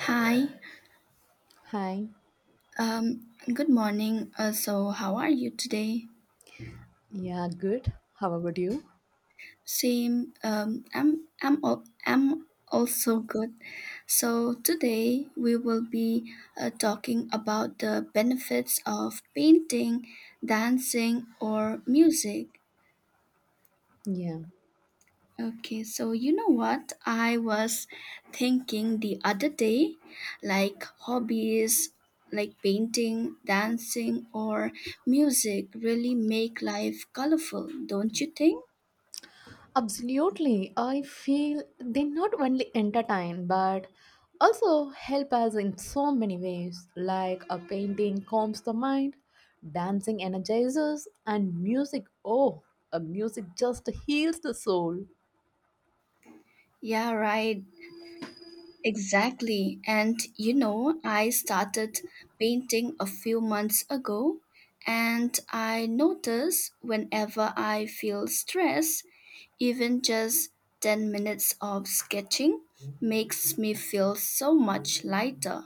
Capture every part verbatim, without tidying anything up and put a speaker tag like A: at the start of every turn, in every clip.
A: Hi,
B: Hi.
A: um, good morning. Uh, so, how are you today?
B: Yeah, good. How about you?
A: Same. Um, I'm I'm al- I'm also good. So today we will be uh, talking about the benefits of painting, dancing, or music.
B: Yeah,
A: Okay, so you know what? I was thinking the other day, like hobbies like painting, dancing, or music really make life colorful, don't you think?
B: absolutely. I feel they not only entertain but also help us in so many ways, like a painting calms the mind, dancing energizes, and music. Oh, a music just heals the soul.
A: Yeah, right. Exactly. And you know, I started painting a few months ago, and I notice whenever I feel stress, even just ten minutes of sketching makes me feel so much lighter.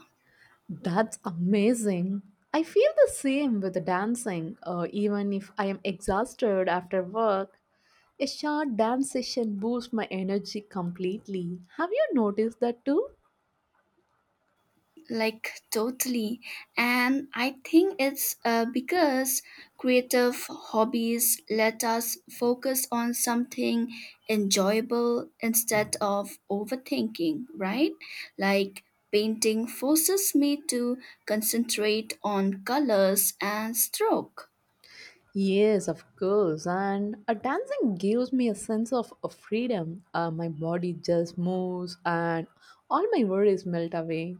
B: That's amazing. I feel the same with the dancing, uh, even if I am exhausted after work. A short dance session boosts my energy completely. Have you noticed that too?
A: Like, totally. And I think it's uh, because creative hobbies let us focus on something enjoyable instead of overthinking, right? Like, painting forces me to concentrate on colors and stroke.
B: Yes, of course. And a dancing gives me a sense of, of freedom. Uh, my body just moves and all my worries melt away.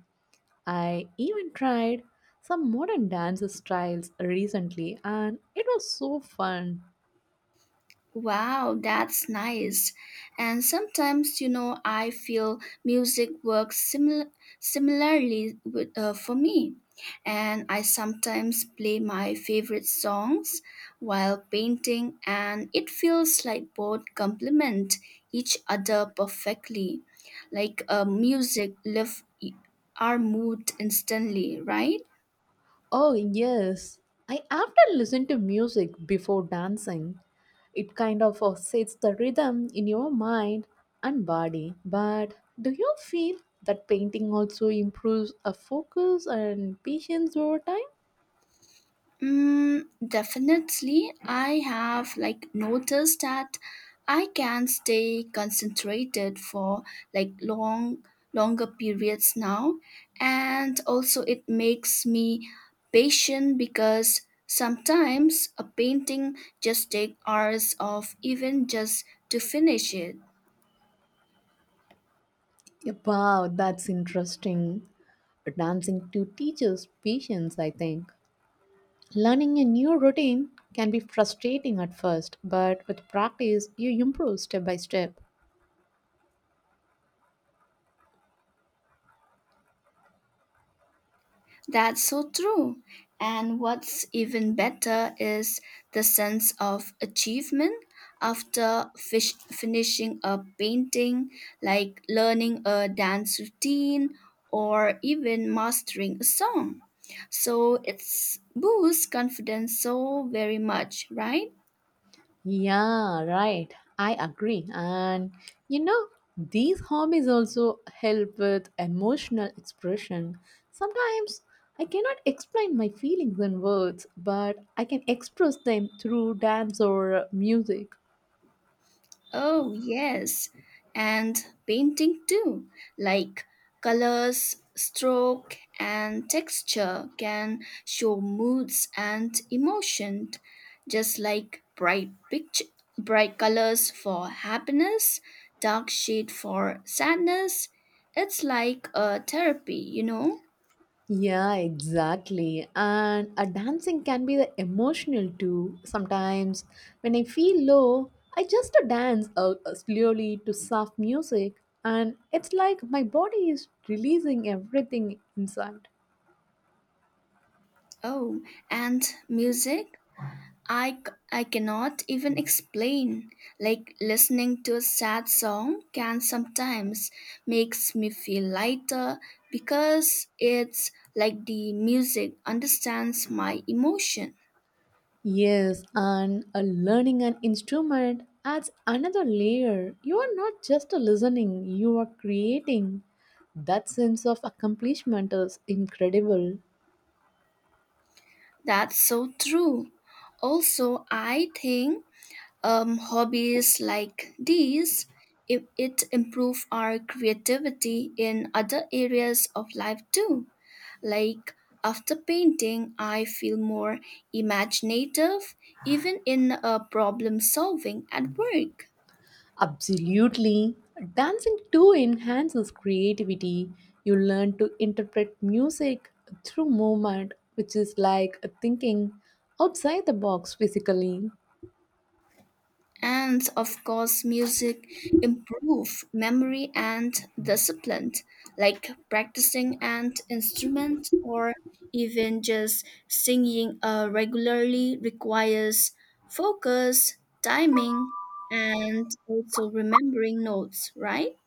B: I even tried some modern dance styles recently and it was so fun.
A: Wow, that's nice. And sometimes, you know, I feel music works similar similarly with, uh, for me. And I sometimes play my favorite songs while painting, and it feels like both complement each other perfectly. Like, uh, music lift our mood instantly, right?
B: Oh, yes. I often listen to music before dancing. It kind of uh, sets the rhythm in your mind and body. But do you feel that painting also improves a focus and patience over time?
A: Mm, definitely. I have like noticed that I can stay concentrated for like long, longer periods now, and also it makes me patient because sometimes a painting just takes hours of even just to finish it.
B: Wow, that's interesting. Dancing to teaches patience, I think. Learning a new routine can be frustrating at first, but with practice, you improve step by step.
A: That's so true. And what's even better is the sense of achievement after fish finishing a painting, like learning a dance routine or even mastering a song. So it's boosts confidence so very much, right?
B: Yeah, right. I agree. And you know, these hobbies also help with emotional expression. Sometimes I cannot explain my feelings in words, but I can express them through dance or music.
A: Oh, yes, and painting too. Like colors, stroke, and texture can show moods and emotion, just like bright picture, bright colors for happiness, dark shade for sadness. It's like a therapy, you know?
B: Yeah, exactly. And a dancing can be the emotional too. Sometimes when I feel low, I just dance uh, uh, slowly to soft music, and it's like my body is releasing everything inside.
A: Oh, and music? I, c- I cannot even explain. Like listening to a sad song can sometimes makes me feel lighter because it's like the music understands my emotion.
B: Yes, and a learning an instrument adds another layer. You are not just a listening, you are creating. That sense of accomplishment is incredible.
A: That's so true. Also, I think um, hobbies like these it, it improve our creativity in other areas of life too. Like after painting, I feel more imaginative, even in uh, problem solving at work.
B: Absolutely. Dancing too enhances creativity. You learn to interpret music through movement, which is like thinking outside the box physically.
A: And of course, music improve memory and discipline, like practicing an instrument or even just singing uh, regularly requires focus, timing, and also remembering notes, right?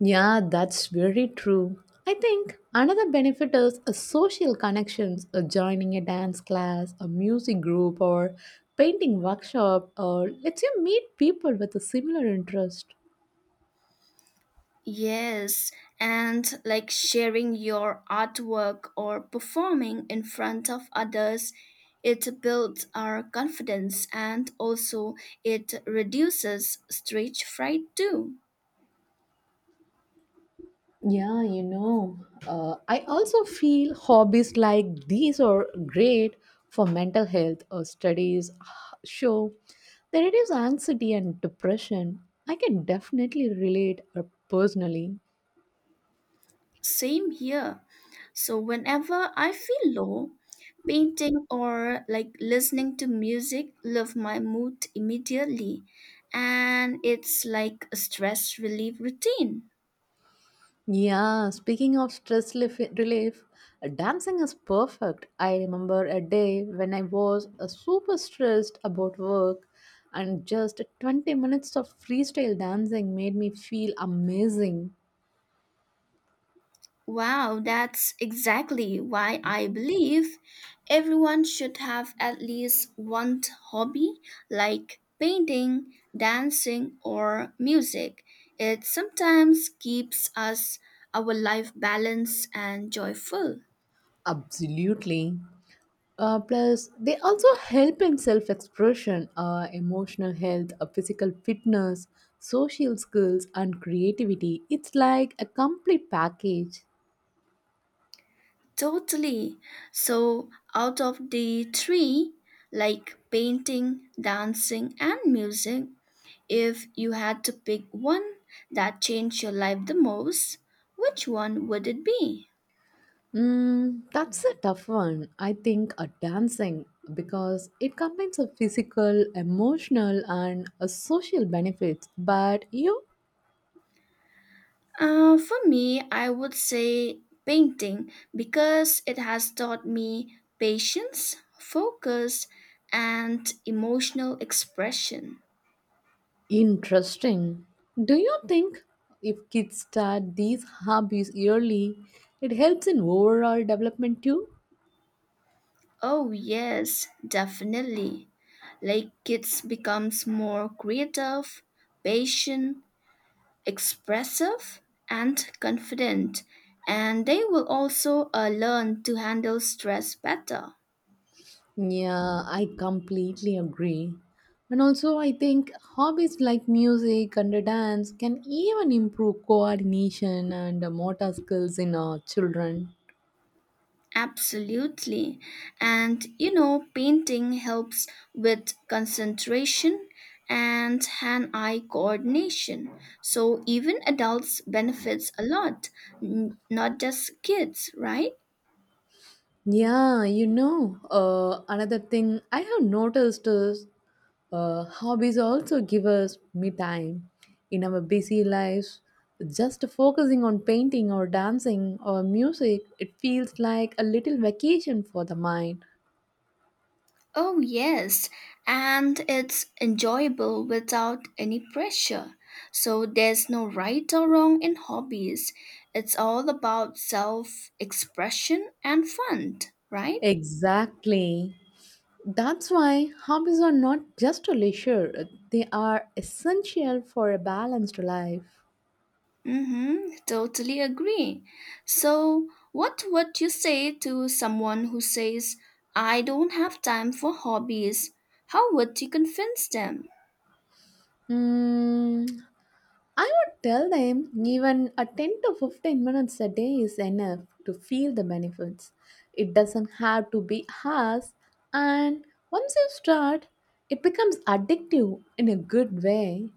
B: Yeah, that's very true. I think another benefit is a social connections, uh, joining a dance class, a music group, or painting workshop, or lets you meet people with a similar interest.
A: Yes, and like sharing your artwork or performing in front of others, it builds our confidence and also it reduces stage fright too.
B: Yeah, you know, uh, I also feel hobbies like these are great for mental health or studies show that it is anxiety and depression. I can definitely relate uh, personally.
A: Same here. So whenever I feel low, painting or like listening to music lift my mood immediately, and it's like a stress relief routine.
B: Yeah, speaking of stress relief, relief, uh, dancing is perfect. I remember a day when I was uh, super stressed about work, and just twenty minutes of freestyle dancing made me feel amazing.
A: Wow, that's exactly why I believe everyone should have at least one hobby like painting, dancing, or music. It sometimes keeps us our life balanced and joyful.
B: Absolutely. Uh, plus, they also help in self expression, uh, emotional health, uh, physical fitness, social skills, and creativity. It's like a complete package.
A: Totally. So, out of the three, like painting, dancing, and music, if you had to pick one that changed your life the most, which one would it be?
B: Mm, that's a tough one. I think uh, dancing because it combines a physical, emotional, and a social benefits. But you
A: Uh, for me, I would say painting because it has taught me patience, focus, and emotional expression.
B: interesting. Do you think if kids start these hobbies early, it helps in overall development too?
A: Oh, yes, definitely. Like kids becomes more creative, patient, expressive and confident, and they will also uh, learn to handle stress better.
B: Yeah, I completely agree. And also, I think hobbies like music and dance can even improve coordination and motor skills in our children.
A: Absolutely. And you know, painting helps with concentration and hand eye coordination. So even adults benefits a lot, n- not just kids, right?
B: Yeah, you know, uh, another thing I have noticed is uh, hobbies also give us me time in our busy lives. Just focusing on painting or dancing or music, it feels like a little vacation for the mind.
A: Oh, yes, and it's enjoyable without any pressure. So there's no right or wrong in hobbies. It's all about self expression and fun, right?
B: Exactly. That's why hobbies are not just a leisure, they are essential for a balanced life.
A: Mm-hmm, totally agree. So, what would you say to someone who says, I don't have time for hobbies? How would you convince them?
B: Mm, I would tell them even a ten to fifteen minutes a day is enough to feel the benefits. It doesn't have to be harsh, and once you start, it becomes addictive in a good way.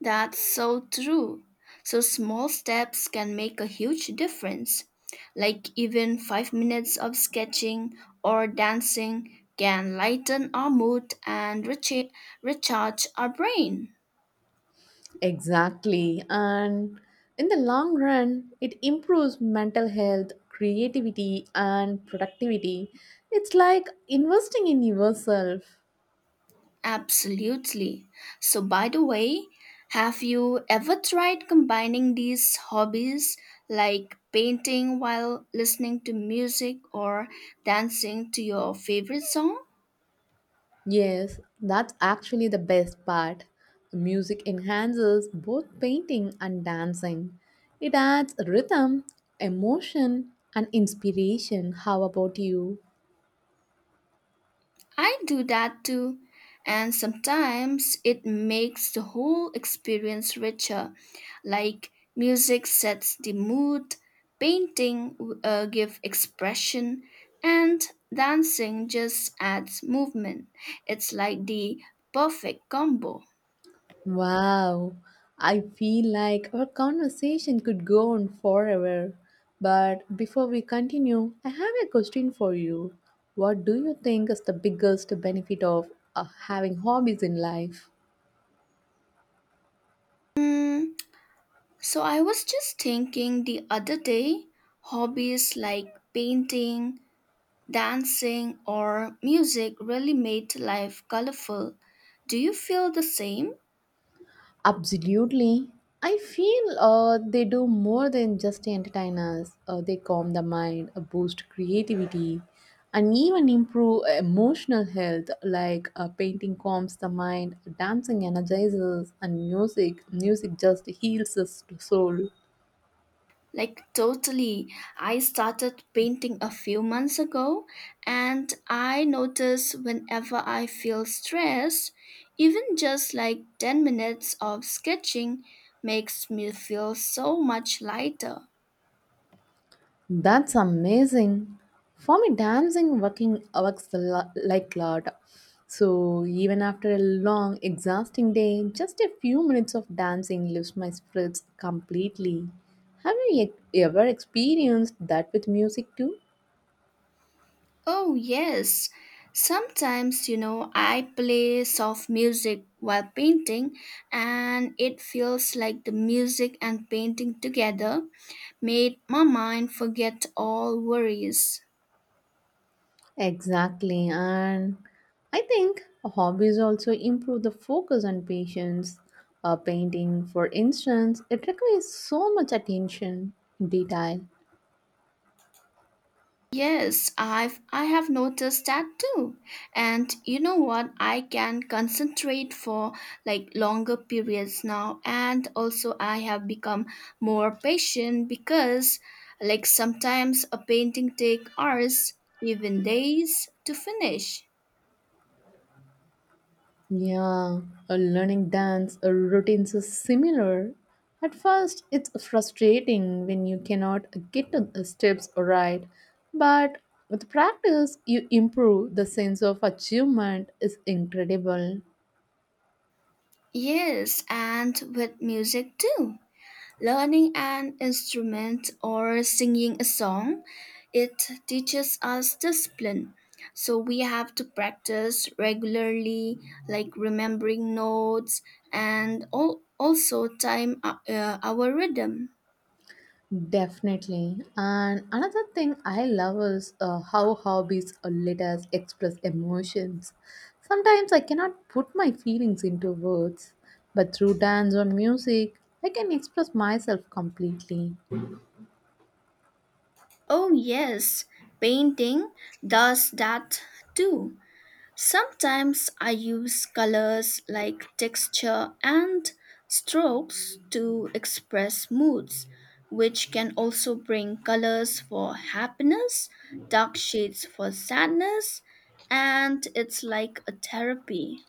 A: That's so true. So small steps can make a huge difference. Like even five minutes of sketching or dancing can lighten our mood and recha- recharge our brain.
B: Exactly, and in the long run, it improves mental health, creativity, and productivity. It's like investing in yourself.
A: Absolutely. So, by the way, have you ever tried combining these hobbies, like painting while listening to music or dancing to your favorite song?
B: Yes, that's actually the best part. Music enhances both painting and dancing. It adds rhythm, emotion, and inspiration. How about you?
A: I do that too, and sometimes it makes the whole experience richer. Like music sets the mood, painting uh, give expression, and dancing just adds movement. It's like the perfect combo.
B: Wow, I feel like our conversation could go on forever. But before we continue, I have a question for you. What do you think is the biggest benefit of uh, having hobbies in life?
A: Mm, so I was just thinking the other day, hobbies like painting, dancing or music really made life colorful. Do you feel the same?
B: Absolutely. I feel uh, they do more than just entertain us. Uh, they calm the mind, uh, boost creativity, and even improve uh, emotional health. Like uh, painting calms the mind, dancing energizes, and music music just heals the s- soul.
A: Like, totally. I started painting a few months ago, and I notice whenever I feel stressed, even just like ten minutes of sketching makes me feel so much lighter.
B: That's amazing. For me, dancing working works a lo- like a lot. So even after a long, exhausting day, just a few minutes of dancing lifts my spirits completely. Have you e- ever experienced that with music too?
A: Oh, yes. Sometimes, you know, I play soft music while painting, and it feels like the music and painting together made my mind forget all worries.
B: Exactly, and I think hobbies also improve the focus and patience. Uh, painting, for instance, it requires so much attention, detail,
A: Yes, I've I have noticed that too. And you know what? I can concentrate for like longer periods now, and also I have become more patient because like sometimes a painting take hours, even days to finish.
B: yeah, a learning dance uh, routines are similar. At first, it's frustrating when you cannot get the the steps right, but with practice, you improve. The sense of achievement is incredible.
A: Yes, and with music too. Learning an instrument or singing a song, it teaches us discipline. So we have to practice regularly, like remembering notes and al- also time uh, uh, our rhythm.
B: Definitely. And another thing I love is uh, how hobbies uh, let us express emotions. Sometimes I cannot put my feelings into words, but through dance or music, I can express myself completely.
A: Oh, yes, painting does that too. Sometimes I use colors like texture and strokes to express moods, which can also bring colors for happiness, dark shades for sadness, and it's like a therapy.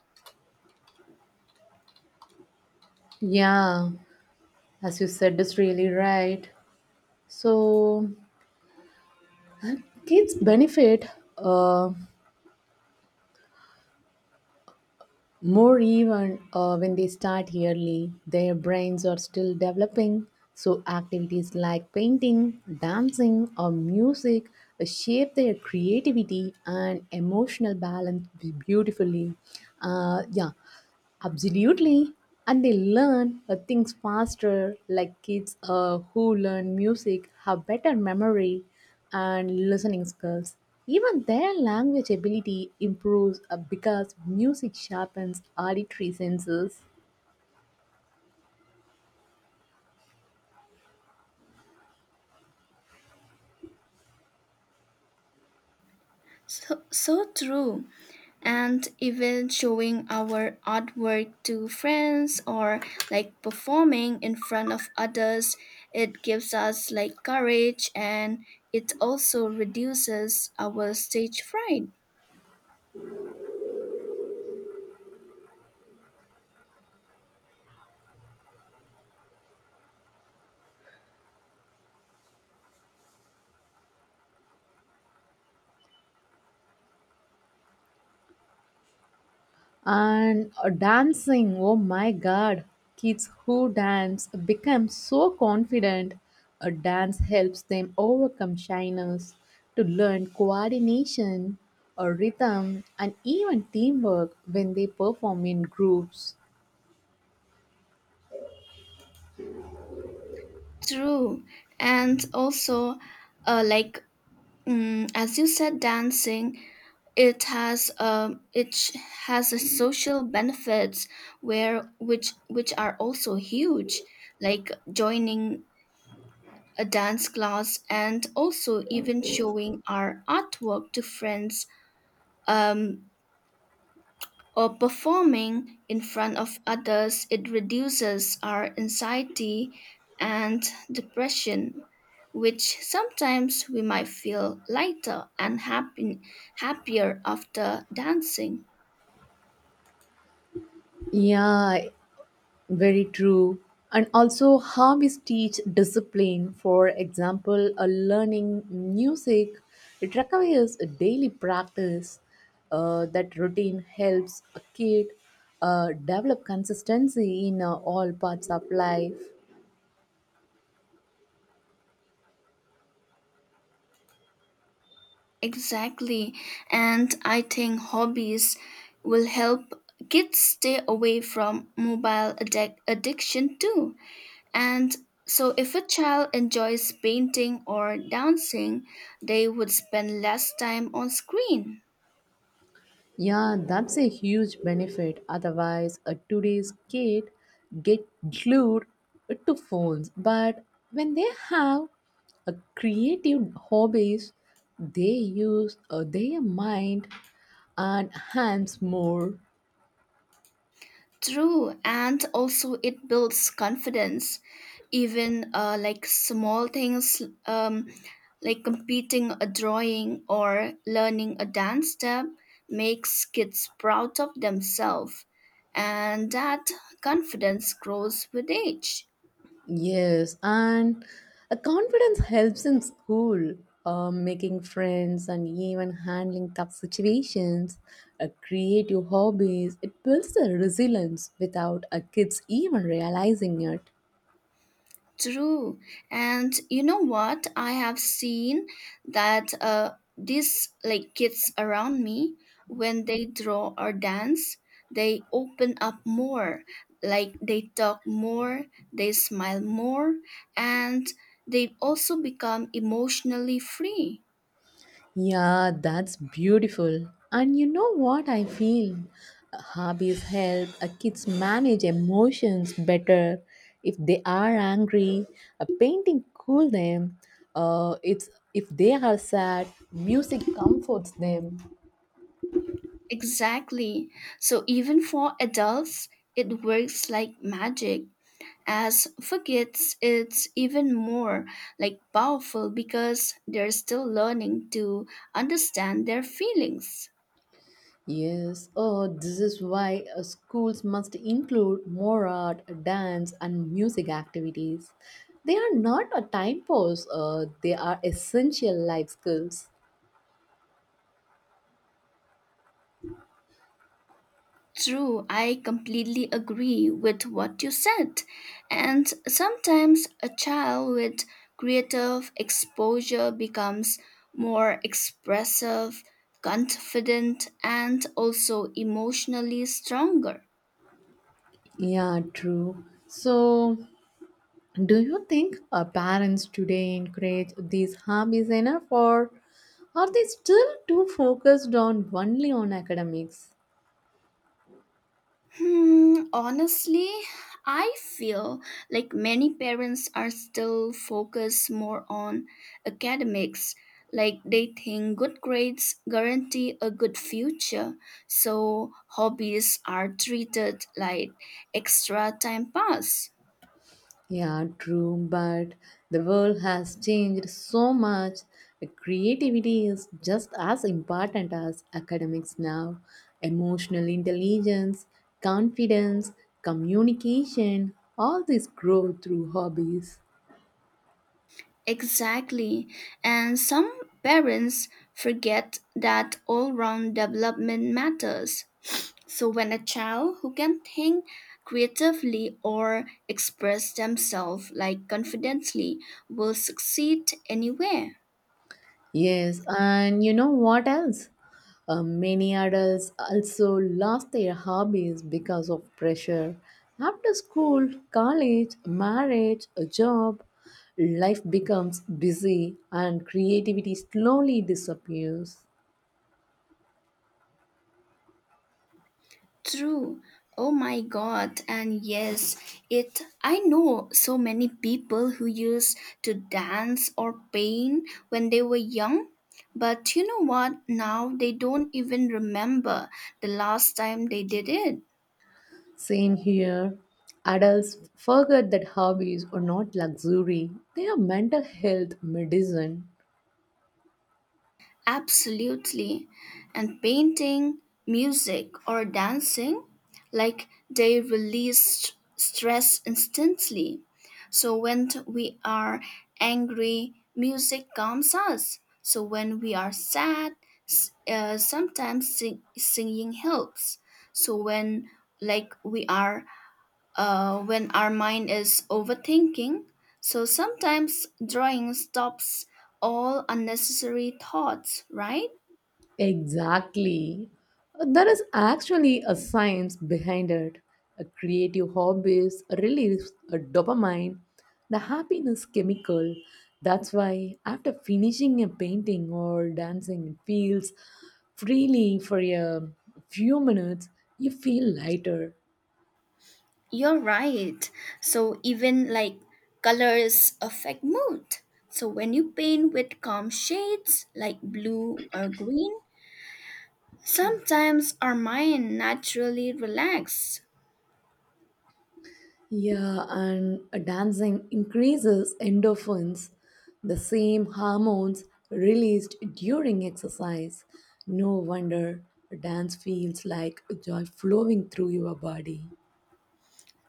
B: Yeah, as you said, is really right. So kids benefit uh, More even uh, when they start early, their brains are still developing, so activities like painting, dancing, or music shape their creativity and emotional balance beautifully. Uh, yeah, absolutely. And they learn uh, things faster, like kids uh, who learn music have better memory and listening skills. Even their language ability improves uh, because music sharpens auditory senses.
A: So, so true. And even showing our artwork to friends or like performing in front of others, it gives us like courage, and it also reduces our stage fright.
B: And uh, dancing, oh my god, kids who dance become so confident. A dance helps them overcome shyness, to learn coordination, or rhythm, and even teamwork when they perform in groups.
A: True. And also uh, like, um, as you said, dancing, it has um it sh- has a social benefits, where which which are also huge, like joining a dance class, and also even showing our artwork to friends, um, or performing in front of others, it reduces our anxiety and depression, which sometimes we might feel lighter and happy, happier after dancing.
B: Yeah, very true. And also, how we teach discipline, for example, a learning music, it requires a daily practice. Uh, that routine helps a kid uh, develop consistency in uh, all parts of life.
A: Exactly. And I think hobbies will help kids stay away from mobile addic- addiction too. And so, if a child enjoys painting or dancing, they would spend less time on screen.
B: Yeah, that's a huge benefit. Otherwise, uh, today's kid get glued to phones. But when they have a creative hobbies, they use uh, their mind and hands more.
A: True, and also it builds confidence. Even uh, like small things, um, like completing a drawing or learning a dance step, makes kids proud of themselves, and that confidence grows with age.
B: Yes, and a confidence helps in school, uh, making friends and even handling tough situations. A creative hobbies it builds the resilience without a kids even realizing it.
A: True. And you know what? I have seen that uh, these like kids around me, when they draw or dance, they open up more. Like they talk more, they smile more, and they also become emotionally free.
B: Yeah, that's beautiful. And you know what I feel? Hobbies help uh, kids manage emotions better. If they are angry, a painting cool them. Uh, it's if they are sad, music comforts them.
A: Exactly. So even for adults, it works like magic. As forgets it's even more like powerful because they're still learning to understand their feelings.
B: Yes, oh, this is why uh, schools must include more art, dance, and music activities. They are not a time pass. Uh, they are essential life skills.
A: True, I completely agree with what you said. And sometimes a child with creative exposure becomes more expressive, confident, and also emotionally stronger.
B: Yeah, true. So, do you think our parents today encourage these hobbies enough, or are they still too focused on only on academics?
A: Hmm, honestly, I feel like many parents are still focused more on academics. Like they think good grades guarantee a good future, so hobbies are treated like extra time pass.
B: Yeah, true, but the world has changed so much. Creativity is just as important as academics now. Emotional intelligence, confidence, communication, all these grow through hobbies.
A: Exactly. And some parents forget that all round development matters. So, when a child who can think creatively or express themselves like confidently will succeed anywhere.
B: Yes, and you know what else? Uh, many adults also lost their hobbies because of pressure. After school, college, marriage, a job, life becomes busy and creativity slowly disappears.
A: True. Oh my god. And yes, it I know so many people who used to dance or paint when they were young. But you know what? Now they don't even remember the last time they did it.
B: Same here. Adults forget that hobbies are not luxury, they are mental health medicine.
A: Absolutely. And painting, music, or dancing, like they release stress instantly. So when t- we are angry, music calms us. So when we are sad, s- uh, sometimes sing- singing helps. So when like we are uh, when our mind is overthinking. So sometimes drawing stops all unnecessary thoughts, right?
B: Exactly. There is actually a science behind it. A creative hobbies release a dopamine, the happiness chemical. That's why after finishing a painting or dancing, it feels freely for a few minutes, you feel lighter.
A: You're right. So even like colors affect mood. So when you paint with calm shades like blue or green, sometimes our mind naturally relaxes.
B: Yeah, and dancing increases endorphins, the same hormones released during exercise. No wonder dance feels like joy flowing through your body.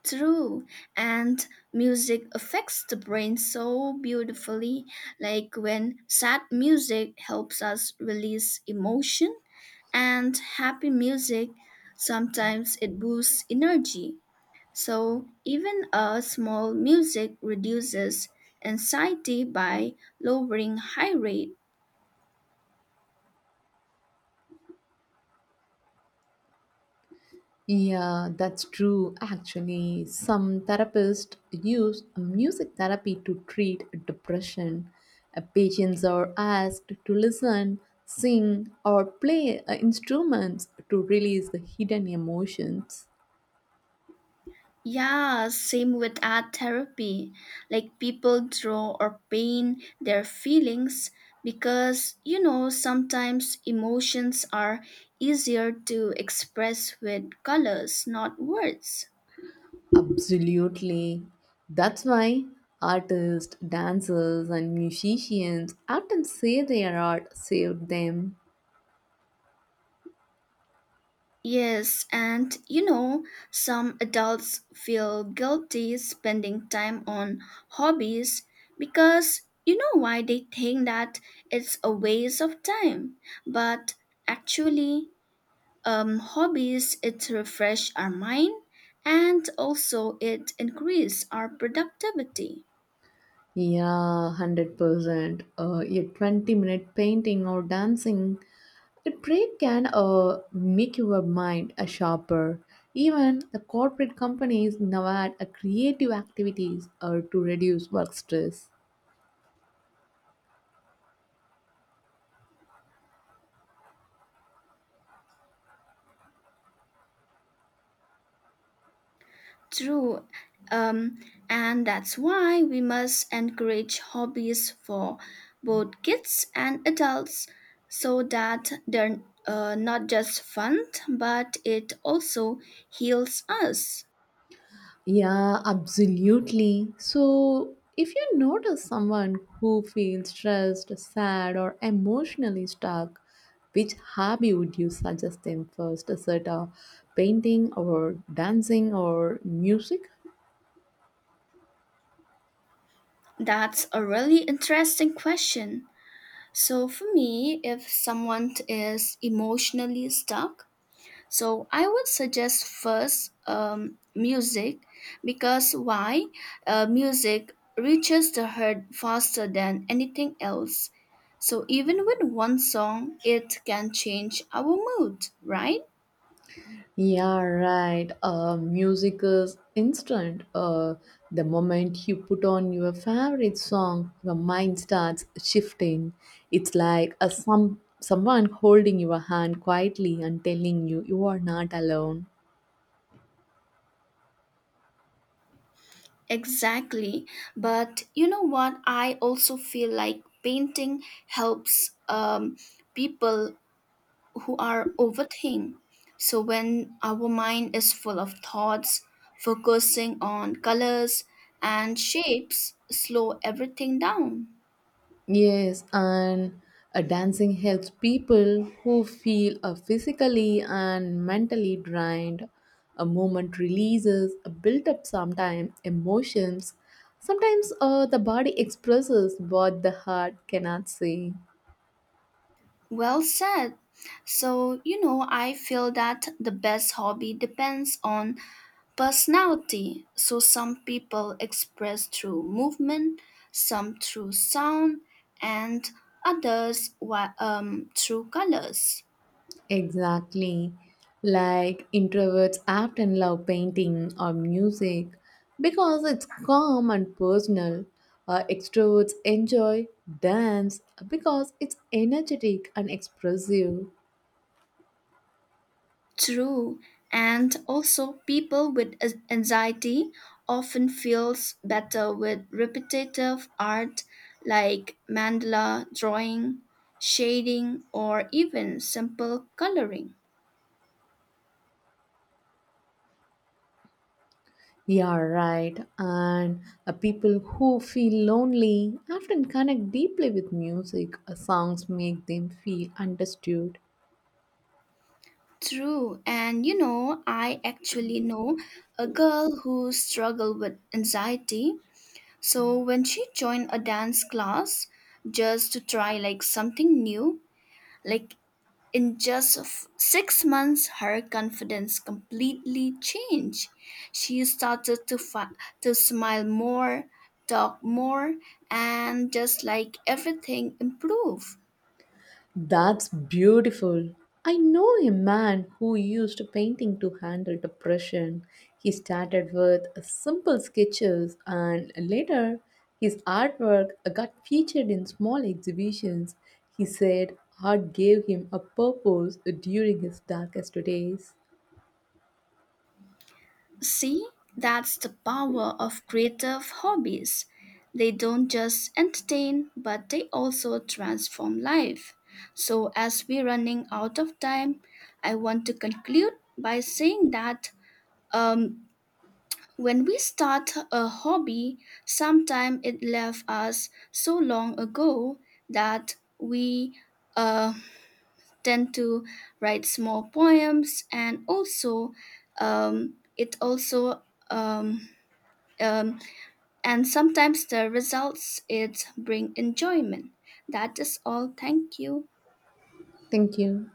A: True, and music affects the brain so beautifully, like when sad music helps us release emotion, and happy music sometimes it boosts energy. So, even a small music reduces anxiety by lowering high rate.
B: Yeah, that's true. Actually, some therapists use music therapy to treat depression. Uh, Patients are asked to listen, sing, or play uh, instruments to release the hidden emotions.
A: Yeah, same with art therapy. Like people draw or paint their feelings because, you know, sometimes emotions are easier to express with colors, not words.
B: Absolutely. That's why artists, dancers, and musicians often say their art saved them.
A: Yes, and you know, some adults feel guilty spending time on hobbies because you know why they think that it's a waste of time. But actually, um, hobbies it refresh our mind and also it increase our productivity.
B: Yeah, one hundred percent. Uh, a twenty minute painting or dancing, a break can uh, make your mind a sharper. Even the corporate companies now add a creative activities uh, to reduce work stress.
A: True. Um, and that's why we must encourage hobbies for both kids and adults, so that they're uh, not just fun but it also heals us.
B: Yeah, absolutely. So, if you notice someone who feels stressed, sad, or emotionally stuck, which hobby would you suggest them first? Is it a painting, or dancing, or music?
A: That's a really interesting question. So for me, if someone is emotionally stuck, so I would suggest first um, music. Because why? Uh, music reaches the heart faster than anything else. So even with one song, it can change our mood, right?
B: Yeah, right. Uh, music is instant. Uh, the moment you put on your favorite song, your mind starts shifting. It's like a some someone holding your hand quietly and telling you you are not alone.
A: Exactly. But you know what? I also feel like painting helps um, people who are overthink. So when our mind is full of thoughts, focusing on colors and shapes, slow everything down.
B: Yes, and uh, dancing helps people who feel uh, physically and mentally drained. A moment releases a built up sometimes emotions. Sometimes uh, the body expresses what the heart cannot say.
A: Well said. So, you know, I feel that the best hobby depends on personality. So, some people express through movement, some through sound, and others wi- um, through colors.
B: Exactly. Like introverts often love painting or music because it's calm and personal. Uh, extroverts enjoy dance because it's energetic and expressive.
A: True, and also people with a- anxiety often feels better with repetitive art like mandala drawing, shading, or even simple coloring.
B: Yeah, right. And uh, people who feel lonely often connect deeply with music. Uh, songs make them feel understood.
A: True, and you know, I actually know a girl who struggled with anxiety. So when she joined a dance class just to try like something new, like in just f- six months, her confidence completely changed. She started to, fi- to smile more, talk more, and just like everything improved.
B: That's beautiful. I know a man who used painting to handle depression. He started with simple sketches and later his artwork got featured in small exhibitions. He said art gave him a purpose during his darkest days.
A: See, that's the power of creative hobbies. They don't just entertain, but they also transform life. So, as we're running out of time, I want to conclude by saying that um, when we start a hobby, sometimes it left us so long ago that we uh, tend to write small poems, and also um, it also um, um, and sometimes the results it bring enjoyment. That is all. Thank you.
B: Thank you.